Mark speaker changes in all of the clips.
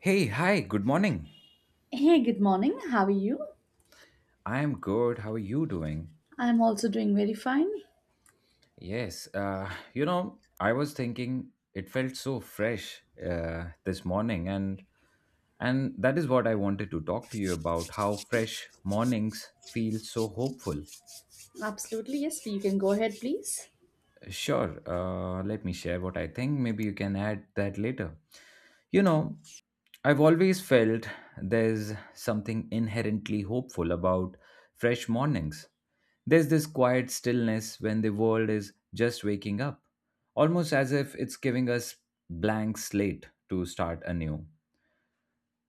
Speaker 1: Hey, hi, good morning.
Speaker 2: Hey, good morning. How are you?
Speaker 1: I'm good. How are you doing?
Speaker 2: I'm also doing very fine.
Speaker 1: Yes, I was thinking it felt so fresh this morning and that is what I wanted to talk to you about, how fresh mornings feel so hopeful.
Speaker 2: Absolutely, yes. You can go ahead, please.
Speaker 1: Sure, let me share what I think. Maybe you can add that later. You know, I've always felt there's something inherently hopeful about fresh mornings. There's this quiet stillness when the world is just waking up, almost as if it's giving us blank slate to start anew.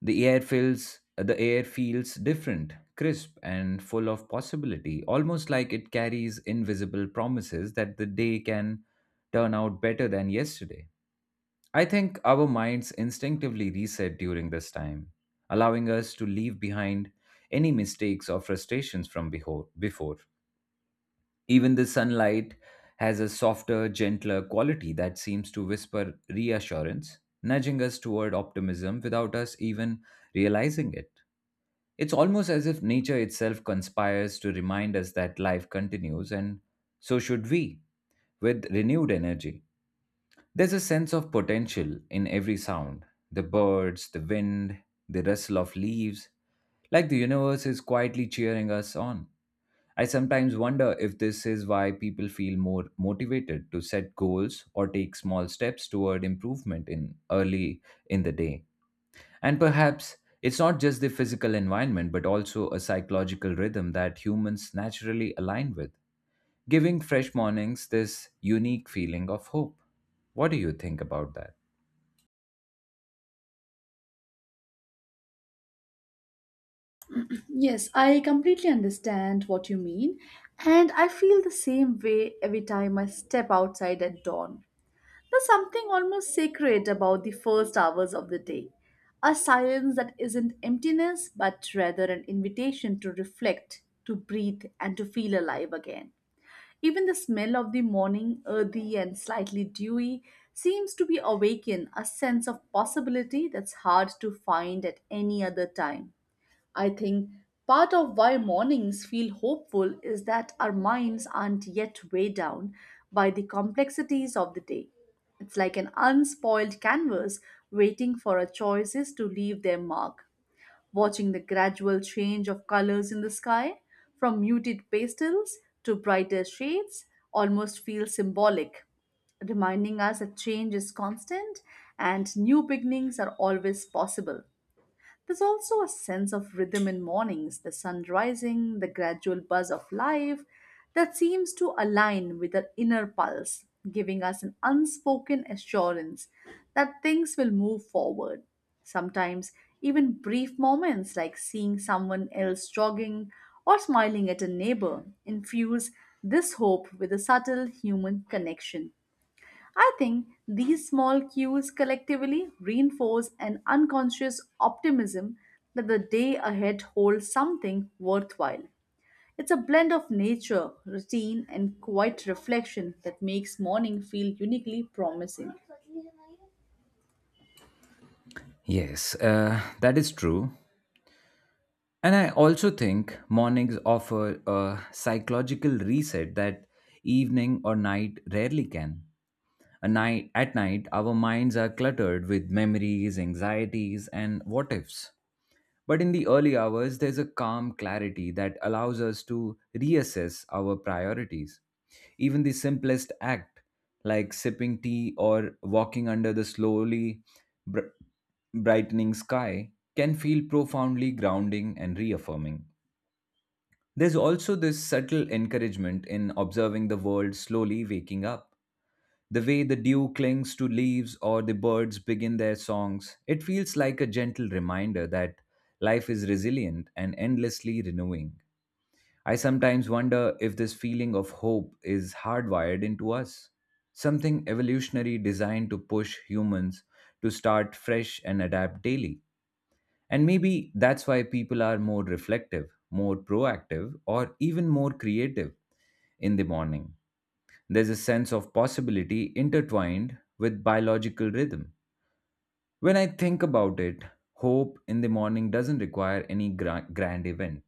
Speaker 1: The air feels different, crisp and full of possibility, almost like it carries invisible promises that the day can turn out better than yesterday. I think our minds instinctively reset during this time, allowing us to leave behind any mistakes or frustrations from before. Even the sunlight has a softer, gentler quality that seems to whisper reassurance, nudging us toward optimism without us even realizing it. It's almost as if nature itself conspires to remind us that life continues, and so should we, with renewed energy. There's a sense of potential in every sound, the birds, the wind, the rustle of leaves, like the universe is quietly cheering us on. I sometimes wonder if this is why people feel more motivated to set goals or take small steps toward improvement in the day, and perhaps it's not just the physical environment, but also a psychological rhythm that humans naturally align with, giving fresh mornings this unique feeling of hope. What do you think about that?
Speaker 2: Yes, I completely understand what you mean, and I feel the same way every time I step outside at dawn. There's something almost sacred about the first hours of the day, a silence that isn't emptiness, but rather an invitation to reflect, to breathe, and to feel alive again. Even the smell of the morning, earthy and slightly dewy, seems to be awaken a sense of possibility that's hard to find at any other time. I think part of why mornings feel hopeful is that our minds aren't yet weighed down by the complexities of the day. It's like an unspoiled canvas waiting for our choices to leave their mark watching the gradual change of colors in the sky from muted pastels to brighter shades almost feels symbolic, reminding us that change is constant and new beginnings are always possible. There's also a sense of rhythm in mornings, the sun rising, the gradual buzz of life that seems to align with our inner pulse, giving us an unspoken assurance that things will move forward. Sometimes, even brief moments like seeing someone else jogging or smiling at a neighbor infuse this hope with a subtle human connection. I think these small cues collectively reinforce an unconscious optimism that the day ahead holds something worthwhile. It's a blend of nature, routine, and quiet reflection that makes morning feel uniquely promising.
Speaker 1: Yes, that is true. And I also think mornings offer a psychological reset that evening or night rarely can. A night At night, our minds are cluttered with memories, anxieties, and what ifs. But in the early hours, there's a calm clarity that allows us to reassess our priorities. Even the simplest act, like sipping tea or walking under the slowly br- brightening sky, can feel profoundly grounding and reaffirming. There's also this subtle encouragement in observing the world slowly waking up. The way the dew clings to leaves or the birds begin their songs, it feels like a gentle reminder that life is resilient and endlessly renewing. I sometimes wonder if this feeling of hope is hardwired into us, something evolutionary designed to push humans to start fresh and adapt daily. And maybe that's why people are more reflective, more proactive, or even more creative in the morning. There's a sense of possibility intertwined with biological rhythm. When I think about it, hope in the morning doesn't require any grand event.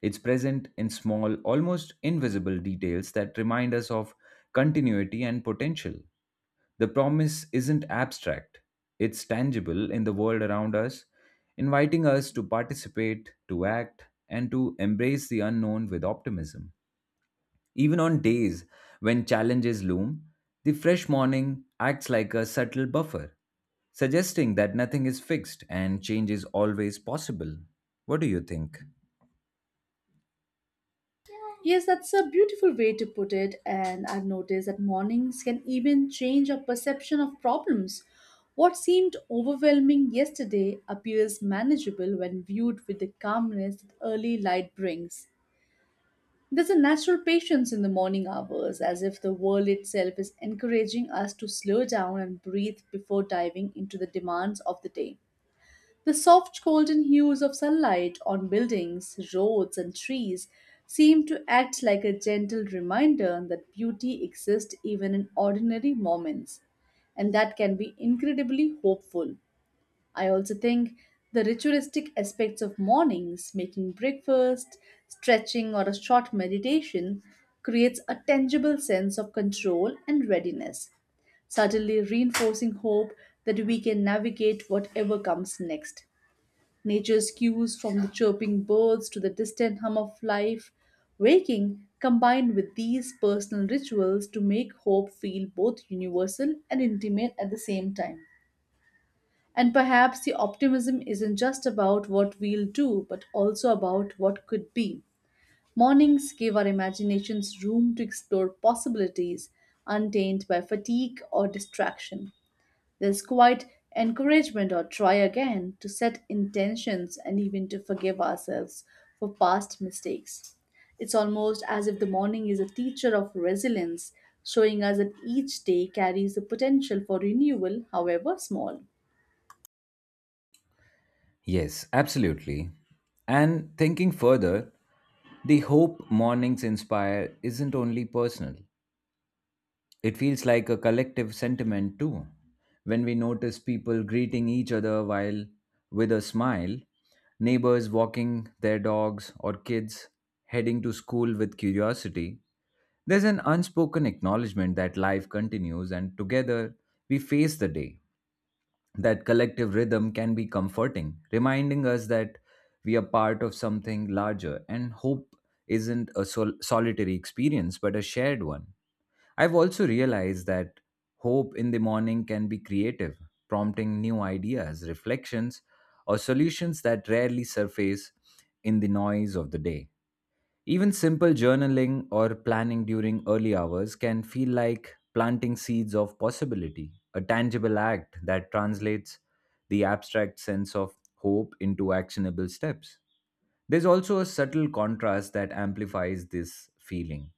Speaker 1: It's present in small, almost invisible details that remind us of continuity and potential. The promise isn't abstract, it's tangible in the world around us, inviting us to participate, to act, and to embrace the unknown with optimism. Even on days when challenges loom, the fresh morning acts like a subtle buffer, suggesting that nothing is fixed and change is always possible. What do you think?
Speaker 2: Yes, that's a beautiful way to put it, and I've noticed that mornings can even change our perception of problems. What seemed overwhelming yesterday appears manageable when viewed with the calmness that early light brings. There's a natural patience in the morning hours, as if the world itself is encouraging us to slow down and breathe before diving into the demands of the day. The soft golden hues of sunlight on buildings, roads, and trees seem to act like a gentle reminder that beauty exists even in ordinary moments, and that can be incredibly hopeful. I also think the ritualistic aspects of mornings, making breakfast, stretching, or a short meditation, creates a tangible sense of control and readiness, suddenly reinforcing hope that we can navigate whatever comes next. Nature's cues from the chirping birds to the distant hum of life, waking, combined with these personal rituals to make hope feel both universal and intimate at the same time. And perhaps the optimism isn't just about what we'll do, but also about what could be. Mornings give our imaginations room to explore possibilities untainted by fatigue or distraction. There's quite encouragement or try again to set intentions and even to forgive ourselves for past mistakes. It's almost as if the morning is a teacher of resilience, showing us that each day carries the potential for renewal, however small.
Speaker 1: Yes, absolutely. And thinking further, the hope mornings inspire isn't only personal. It feels like a collective sentiment too. When we notice people greeting each other while with a smile, neighbors walking their dogs, or kids heading to school with curiosity, there's an unspoken acknowledgement that life continues and together we face the day. That collective rhythm can be comforting, reminding us that we are part of something larger and hope isn't a solitary experience but a shared one. I've also realized that hope in the morning can be creative, prompting new ideas, reflections, or solutions that rarely surface in the noise of the day. Even simple journaling or planning during early hours can feel like planting seeds of possibility, a tangible act that translates the abstract sense of hope into actionable steps. There's also a subtle contrast that amplifies this feeling.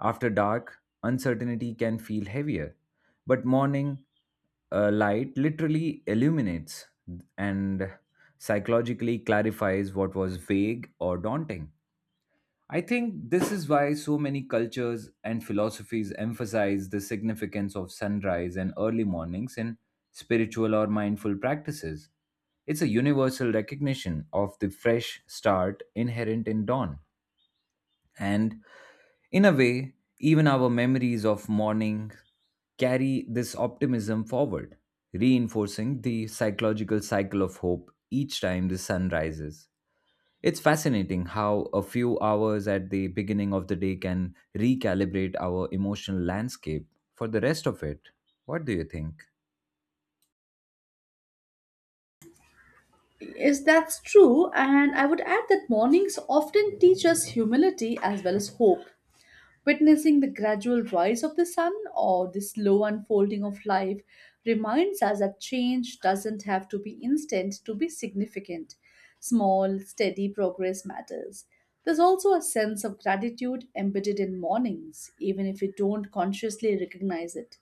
Speaker 1: After dark, uncertainty can feel heavier, but morning light literally illuminates and psychologically clarifies what was vague or daunting. I think this is why so many cultures and philosophies emphasize the significance of sunrise and early mornings in spiritual or mindful practices. It's a universal recognition of the fresh start inherent in dawn. And in a way, even our memories of morning carry this optimism forward, reinforcing the psychological cycle of hope each time the sun rises. It's fascinating how a few hours at the beginning of the day can recalibrate our emotional landscape for the rest of it. What do you think?
Speaker 2: Yes, that's true. And I would add that mornings often teach us humility as well as hope. Witnessing the gradual rise of the sun or the slow unfolding of life reminds us that change doesn't have to be instant to be significant. Small, steady progress matters. There's also a sense of gratitude embedded in mornings, even if we don't consciously recognize it.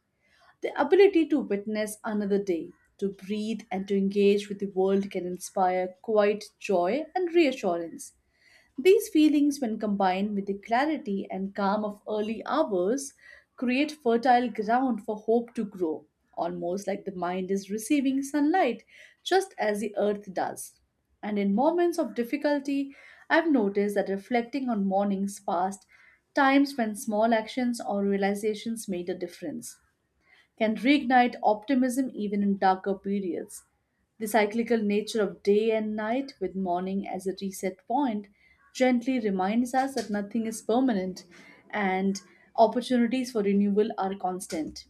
Speaker 2: The ability to witness another day, to breathe and to engage with the world can inspire quiet joy and reassurance. These feelings, when combined with the clarity and calm of early hours, create fertile ground for hope to grow, almost like the mind is receiving sunlight, just as the earth does. And in moments of difficulty, I've noticed that reflecting on mornings past, times when small actions or realizations made a difference can reignite optimism even in darker periods. The cyclical nature of day and night, with morning as a reset point, gently reminds us that nothing is permanent and opportunities for renewal are constant.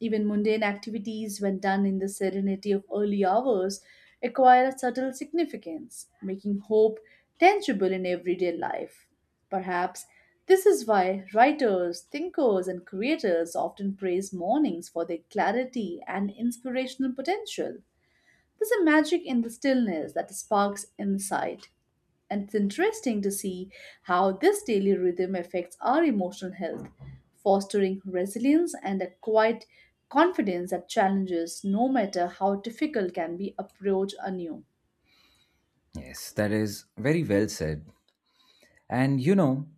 Speaker 2: Even mundane activities, when done in the serenity of early hours, acquire a subtle significance, making hope tangible in everyday life. Perhaps this is why writers, thinkers, and creators often praise mornings for their clarity and inspirational potential. There's a magic in the stillness that sparks insight. And it's interesting to see how this daily rhythm affects our emotional health, fostering resilience and a quiet confidence that challenges, no matter how difficult, can be approached anew.
Speaker 1: Yes, that is very well said. And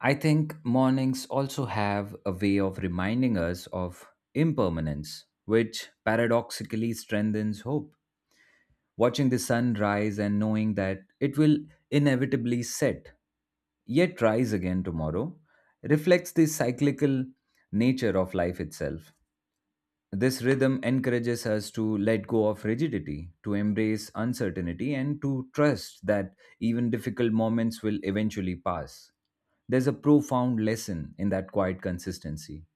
Speaker 1: I think mornings also have a way of reminding us of impermanence, which paradoxically strengthens hope. Watching the sun rise and knowing that it will inevitably set, yet rise again tomorrow, reflects the cyclical nature of life itself. This rhythm encourages us to let go of rigidity, to embrace uncertainty, and to trust that even difficult moments will eventually pass. There's a profound lesson in that quiet consistency.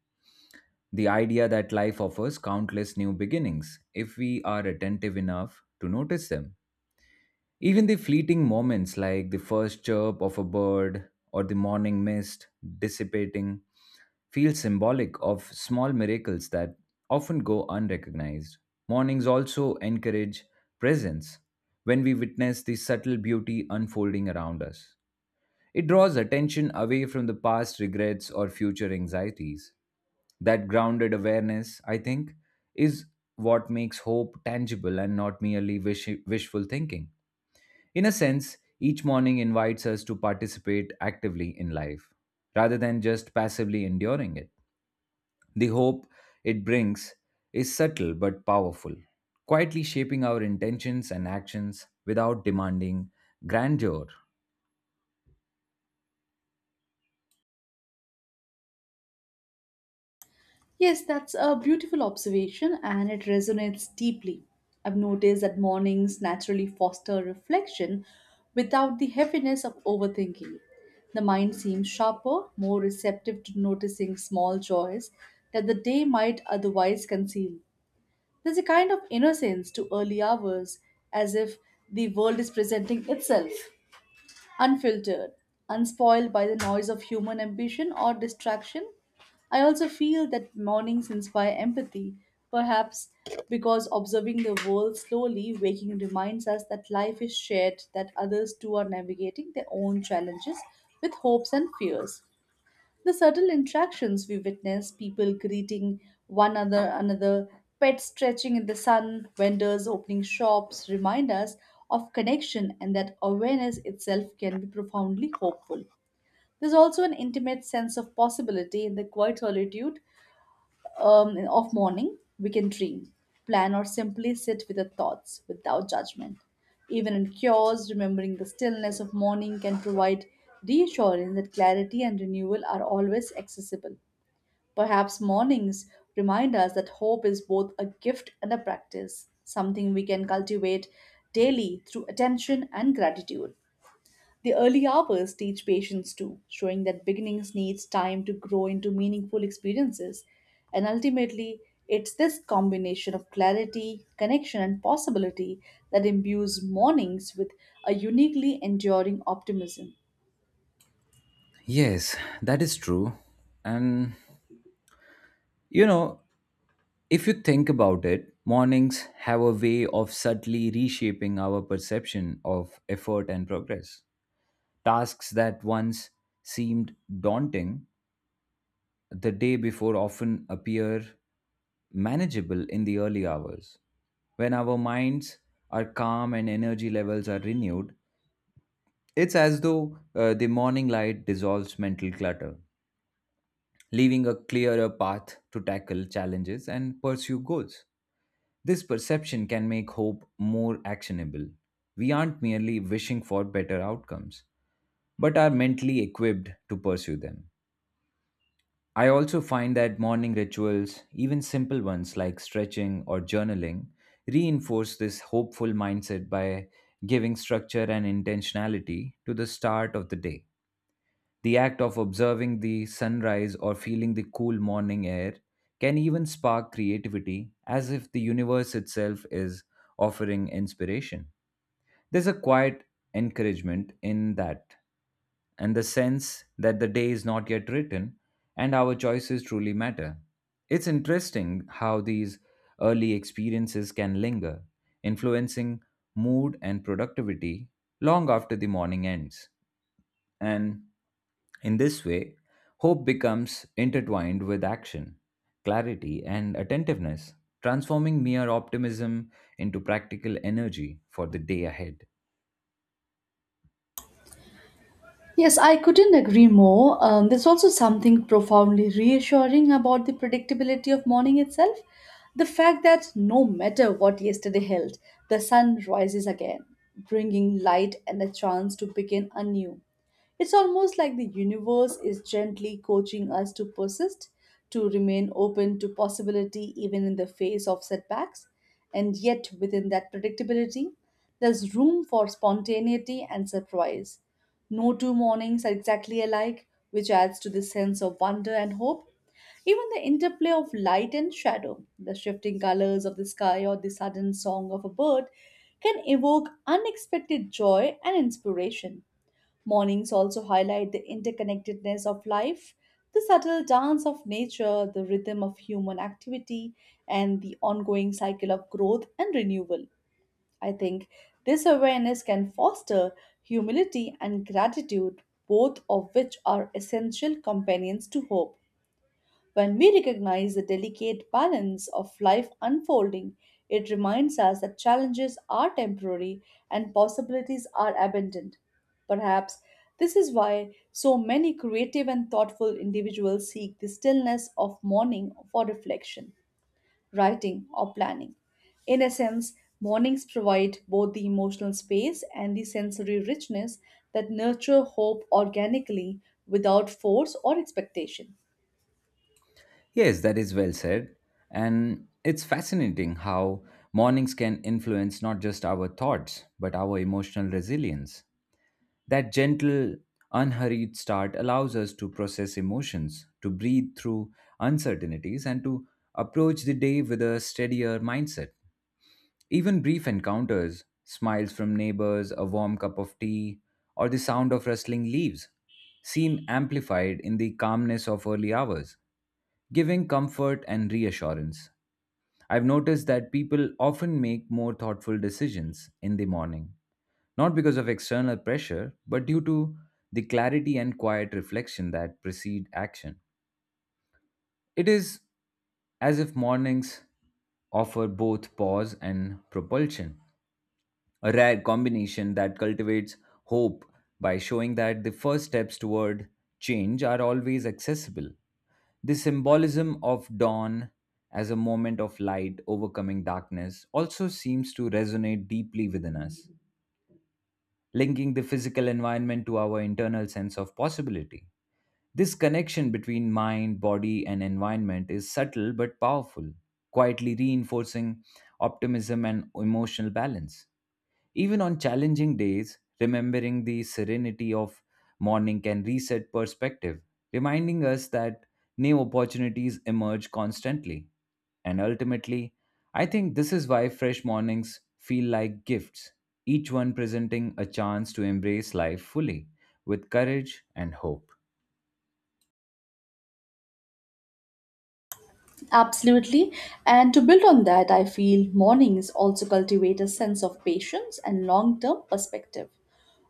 Speaker 1: The idea that life offers countless new beginnings if we are attentive enough to notice them. Even the fleeting moments like the first chirp of a bird or the morning mist dissipating feel symbolic of small miracles that often go unrecognized. Mornings also encourage presence when we witness the subtle beauty unfolding around us. It draws attention away from the past regrets or future anxieties. That grounded awareness, I think, is what makes hope tangible and not merely wishful thinking. In a sense, each morning invites us to participate actively in life rather than just passively enduring it. The hope it brings is subtle but powerful, quietly shaping our intentions and actions without demanding grandeur.
Speaker 2: Yes, that's a beautiful observation and it resonates deeply. I've noticed that mornings naturally foster reflection without the heaviness of overthinking. The mind seems sharper, more receptive to noticing small joys that the day might otherwise conceal. There's a kind of innocence to early hours, as if the world is presenting itself unfiltered, unspoiled by the noise of human ambition or distraction. I also feel that mornings inspire empathy, perhaps because observing the world slowly, waking reminds us that life is shared, that others too are navigating their own challenges with hopes and fears. The subtle interactions we witness, people greeting one another, pets stretching in the sun, vendors opening shops, remind us of connection and that awareness itself can be profoundly hopeful. There's also an intimate sense of possibility in the quiet solitude of morning, we can dream, plan, or simply sit with our thoughts without judgment. Even in chaos, remembering the stillness of morning can provide reassurance that clarity and renewal are always accessible. Perhaps mornings remind us that hope is both a gift and a practice, something we can cultivate daily through attention and gratitude. The early hours teach patience too, showing that beginnings needs time to grow into meaningful experiences. And ultimately, it's this combination of clarity, connection, and possibility that imbues mornings with a uniquely enduring optimism.
Speaker 1: Yes, that is true. And you know, if you think about it, mornings have a way of subtly reshaping our perception of effort and progress. Tasks that once seemed daunting the day before often appear manageable in the early hours. When our minds are calm and energy levels are renewed, it's as though the morning light dissolves mental clutter, leaving a clearer path to tackle challenges and pursue goals. This perception can make hope more actionable. We aren't merely wishing for better outcomes, but are mentally equipped to pursue them. I also find that morning rituals, even simple ones like stretching or journaling, reinforce this hopeful mindset by giving structure and intentionality to the start of the day. The act of observing the sunrise or feeling the cool morning air can even spark creativity, as if the universe itself is offering inspiration. There's a quiet encouragement in that, and the sense that the day is not yet written and our choices truly matter. It's interesting how these early experiences can linger, influencing mood and productivity long after the morning ends. And in this way, hope becomes intertwined with action, clarity, and attentiveness, transforming mere optimism into practical energy for the day ahead.
Speaker 2: Yes, I couldn't agree more. There's also something profoundly reassuring about the predictability of morning itself. The fact that no matter what yesterday held, the sun rises again, bringing light and a chance to begin anew. It's almost like the universe is gently coaching us to persist, to remain open to possibility even in the face of setbacks. And yet, within that predictability, there's room for spontaneity and surprise. No two mornings are exactly alike, which adds to the sense of wonder and hope. Even the interplay of light and shadow, the shifting colors of the sky, or the sudden song of a bird can evoke unexpected joy and inspiration. Mornings also highlight the interconnectedness of life, the subtle dance of nature, the rhythm of human activity, and the ongoing cycle of growth and renewal. I think this awareness can foster humility and gratitude, both of which are essential companions to hope. When we recognize the delicate balance of life unfolding, it reminds us that challenges are temporary and possibilities are abundant. Perhaps this is why so many creative and thoughtful individuals seek the stillness of morning for reflection writing, or planning. In a sense, mornings provide both the emotional space and the sensory richness that nurture hope organically without force or expectation.
Speaker 1: Yes, that is well said. And it's fascinating how mornings can influence not just our thoughts, but our emotional resilience. That gentle, unhurried start allows us to process emotions, to breathe through uncertainties, and to approach the day with a steadier mindset. Even brief encounters, smiles from neighbors, a warm cup of tea, or the sound of rustling leaves seem amplified in the calmness of early hours, giving comfort and reassurance. I've noticed that people often make more thoughtful decisions in the morning, not because of external pressure, but due to the clarity and quiet reflection that precede action. It is as if mornings offer both pause and propulsion, a rare combination that cultivates hope by showing that the first steps toward change are always accessible. The symbolism of dawn as a moment of light overcoming darkness also seems to resonate deeply within us, linking the physical environment to our internal sense of possibility. This connection between mind, body, and environment is subtle but powerful, quietly reinforcing optimism and emotional balance. Even on challenging days, remembering the serenity of morning can reset perspective, reminding us that new opportunities emerge constantly. And ultimately, I think this is why fresh mornings feel like gifts, each one presenting a chance to embrace life fully with courage and hope.
Speaker 2: Absolutely. And to build on that, I feel mornings also cultivate a sense of patience and long term perspective.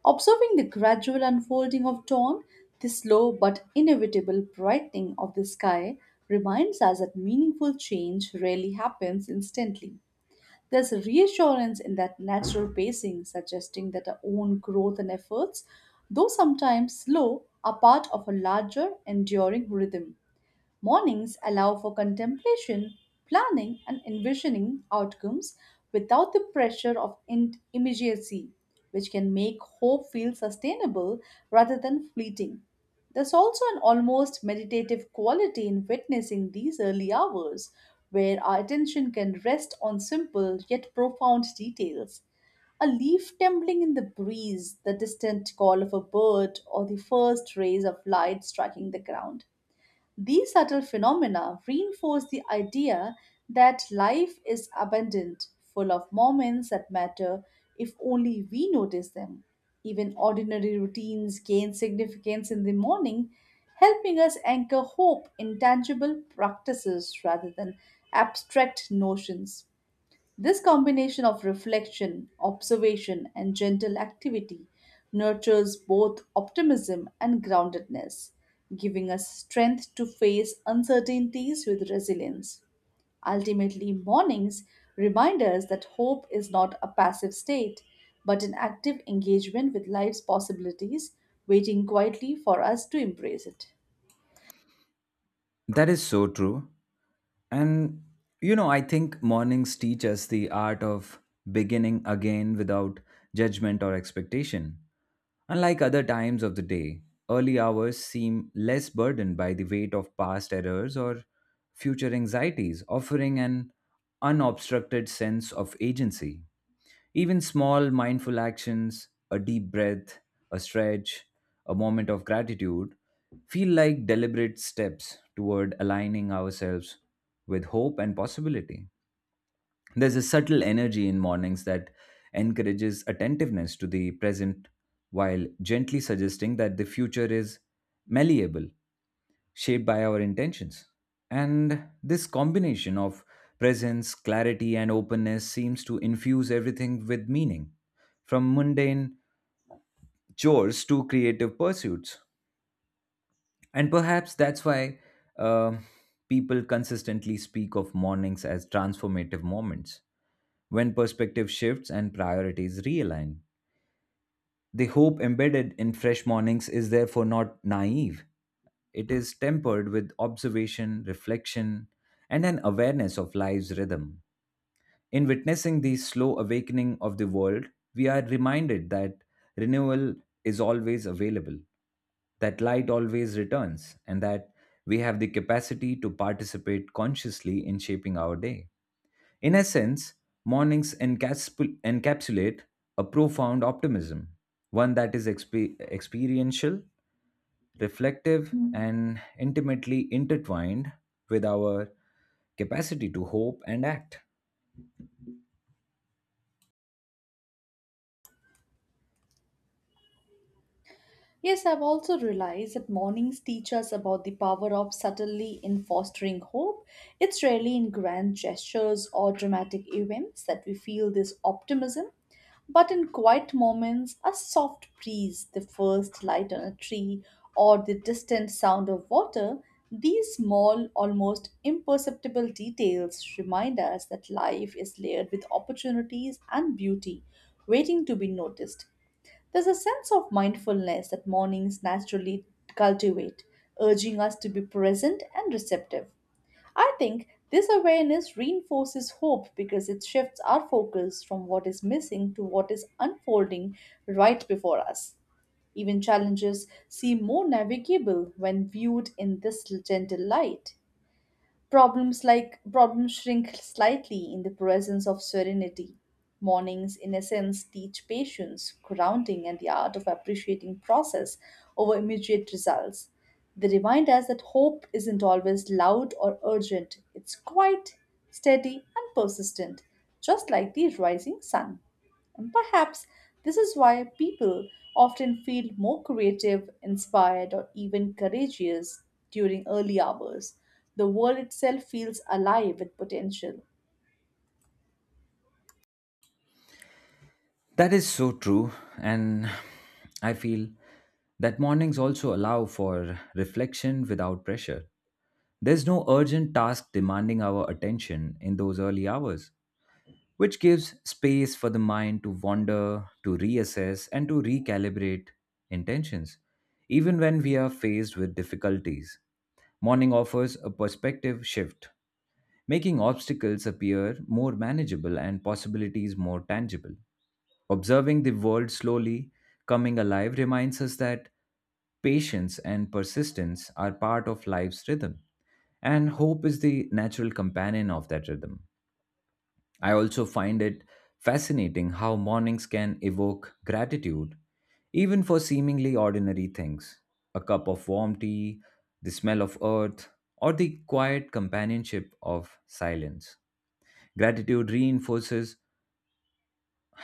Speaker 2: Observing the gradual unfolding of dawn, the slow but inevitable brightening of the sky reminds us that meaningful change rarely happens instantly. There's reassurance in that natural pacing, suggesting that our own growth and efforts, though sometimes slow, are part of a larger, enduring rhythm. Mornings allow for contemplation, planning, and envisioning outcomes without the pressure of immediacy, which can make hope feel sustainable rather than fleeting. There's also an almost meditative quality in witnessing these early hours, where our attention can rest on simple yet profound details. A leaf trembling in the breeze, the distant call of a bird, or the first rays of light striking the ground. These subtle phenomena reinforce the idea that life is abundant, full of moments that matter if only we notice them. Even ordinary routines gain significance in the morning, helping us anchor hope in tangible practices rather than abstract notions. This combination of reflection, observation, and gentle activity nurtures both optimism and groundedness, giving us strength to face uncertainties with resilience. Ultimately, mornings remind us that hope is not a passive state, but an active engagement with life's possibilities, waiting quietly for us to embrace it.
Speaker 1: That is so true. And I think mornings teach us the art of beginning again without judgment or expectation. Unlike other times of the day, early hours seem less burdened by the weight of past errors or future anxieties, offering an unobstructed sense of agency. Even small mindful actions, a deep breath, a stretch, a moment of gratitude, feel like deliberate steps toward aligning ourselves with hope and possibility. There's a subtle energy in mornings that encourages attentiveness to the present while gently suggesting that the future is malleable, shaped by our intentions. And this combination of presence, clarity, and openness seems to infuse everything with meaning, from mundane chores to creative pursuits. And perhaps that's why uh, people consistently speak of mornings as transformative moments. When perspective shifts and priorities realign, the hope embedded in fresh mornings is therefore not naive. It is tempered with observation, reflection, and an awareness of life's rhythm. In witnessing the slow awakening of the world, we are reminded that renewal is always available, that light always returns, and that we have the capacity to participate consciously in shaping our day. In essence, mornings encapsulate a profound optimism, one that is experiential, reflective, Mhm, and intimately intertwined with our capacity to hope and act.
Speaker 2: Yes, I've also realized that mornings teach us about the power of subtlety in fostering hope. It's rarely in grand gestures or dramatic events that we feel this optimism, but in quiet moments, a soft breeze, the first light on a tree, or the distant sound of water, these small, almost imperceptible details remind us that life is layered with opportunities and beauty waiting to be noticed. There's a sense of mindfulness that mornings naturally cultivate, urging us to be present and receptive. I think this awareness reinforces hope because it shifts our focus from what is missing to what is unfolding right before us. Even challenges seem more navigable when viewed in this gentle light. Problems like problems shrink slightly in the presence of serenity. Mornings, in essence, teach patience, grounding, and the art of appreciating process over immediate results. They remind us that hope isn't always loud or urgent, it's quiet, steady, and persistent, just like the rising sun. And perhaps this is why people often feel more creative, inspired, or even courageous during early hours. The world itself feels alive with potential.
Speaker 1: That is so true, and I feel that mornings also allow for reflection without pressure. There's no urgent task demanding our attention in those early hours, which gives space for the mind to wander, to reassess, and to recalibrate intentions, even when we are faced with difficulties. Morning offers a perspective shift, making obstacles appear more manageable and possibilities more tangible. Observing the world slowly coming alive reminds us that patience and persistence are part of life's rhythm, and hope is the natural companion of that rhythm. I also find it fascinating how mornings can evoke gratitude, even for seemingly ordinary things: a cup of warm tea, the smell of earth, or the quiet companionship of silence. Gratitude reinforces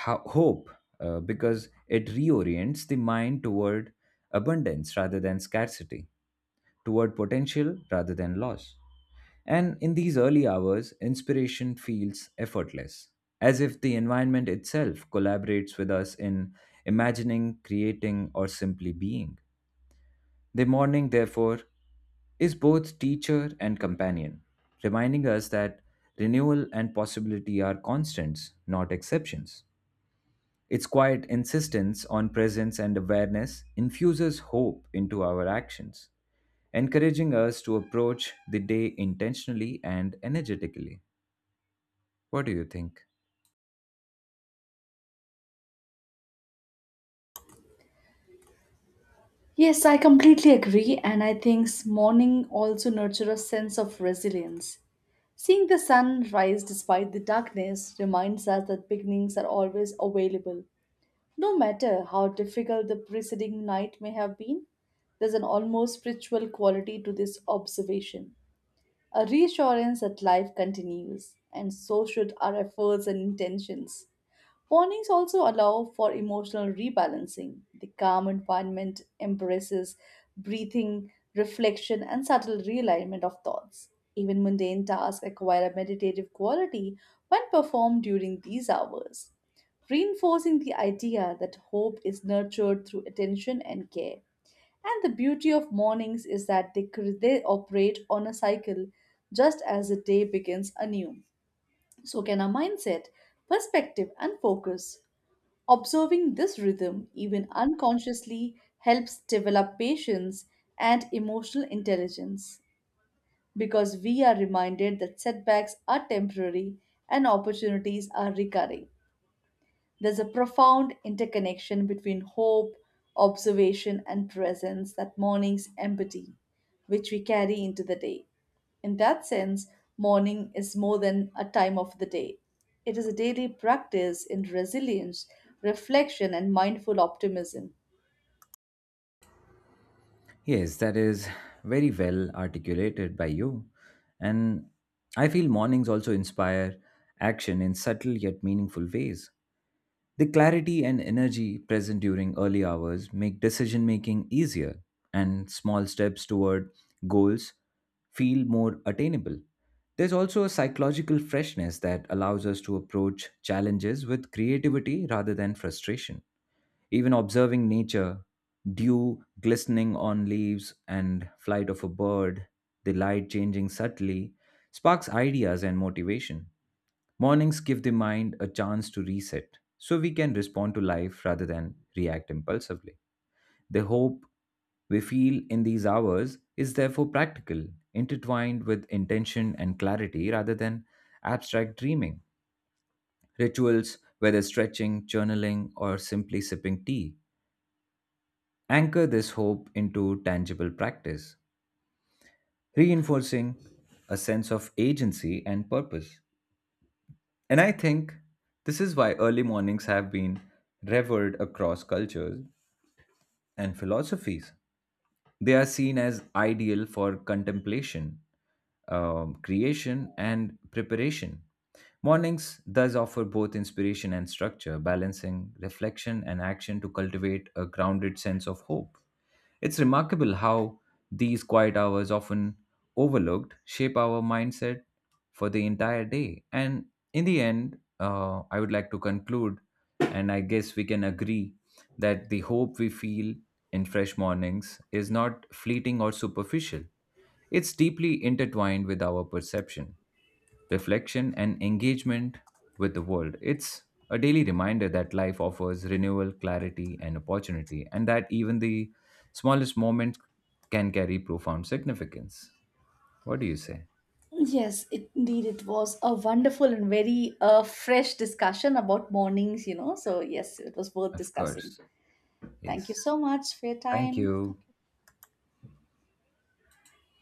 Speaker 1: hope because it reorients the mind toward abundance rather than scarcity, toward potential rather than loss. And in these early hours, inspiration feels effortless, as if the environment itself collaborates with us in imagining, creating, or simply being. The morning, therefore, is both teacher and companion, reminding us that renewal and possibility are constants, not exceptions. Its quiet insistence on presence and awareness infuses hope into our actions, encouraging us to approach the day intentionally and energetically. What do you think?
Speaker 2: Yes, I completely agree, and I think morning also nurtures a sense of resilience. Seeing the sun rise despite the darkness reminds us that beginnings are always available. No matter how difficult the preceding night may have been, there's an almost spiritual quality to this observation, a reassurance that life continues, and so should our efforts and intentions. Mornings also allow for emotional rebalancing. The calm environment embraces breathing, reflection, and subtle realignment of thoughts. Even mundane tasks acquire a meditative quality when performed during these hours, reinforcing the idea that hope is nurtured through attention and care. And the beauty of mornings is that they operate on a cycle just as the day begins anew. So can our mindset, perspective, and focus. Observing this rhythm, even unconsciously, helps develop patience and emotional intelligence because we are reminded that setbacks are temporary and opportunities are recurring. There's a profound interconnection between hope, observation, and presence that mornings embody, which we carry into the day. In that sense, morning is more than a time of the day. It is a daily practice in resilience, reflection, and mindful optimism.
Speaker 1: Yes, that is very well articulated by you. And I feel mornings also inspire action in subtle yet meaningful ways. The clarity and energy present during early hours make decision making easier, and small steps toward goals feel more attainable. There's also a psychological freshness that allows us to approach challenges with creativity rather than frustration. Even observing nature, dew glistening on leaves and flight of a bird, the light changing subtly, sparks ideas and motivation. Mornings give the mind a chance to reset so we can respond to life rather than react impulsively. The hope we feel in these hours is therefore practical, intertwined with intention and clarity rather than abstract dreaming. Rituals, whether stretching, journaling, or simply sipping tea, anchor this hope into tangible practice, reinforcing a sense of agency and purpose. And I think this is why early mornings have been revered across cultures and philosophies. They are seen as ideal for contemplation, creation, and preparation. Mornings thus offer both inspiration and structure, balancing reflection and action to cultivate a grounded sense of hope. It's remarkable how these quiet hours, often overlooked, shape our mindset for the entire day. And in the end, I would like to conclude, and I guess we can agree that the hope we feel in fresh mornings is not fleeting or superficial. It's deeply intertwined with our perception, reflection, and engagement with the world. It's a daily reminder that life offers renewal, clarity, and opportunity, and that even the smallest moment can carry profound significance. What do you say?
Speaker 2: Yes, indeed, it was a wonderful and very fresh discussion about mornings, you know. So, yes, it was worth
Speaker 1: Of
Speaker 2: discussing.
Speaker 1: course.
Speaker 2: Thank you
Speaker 1: Yes.
Speaker 2: so much for your
Speaker 1: Thank
Speaker 2: time.
Speaker 1: you.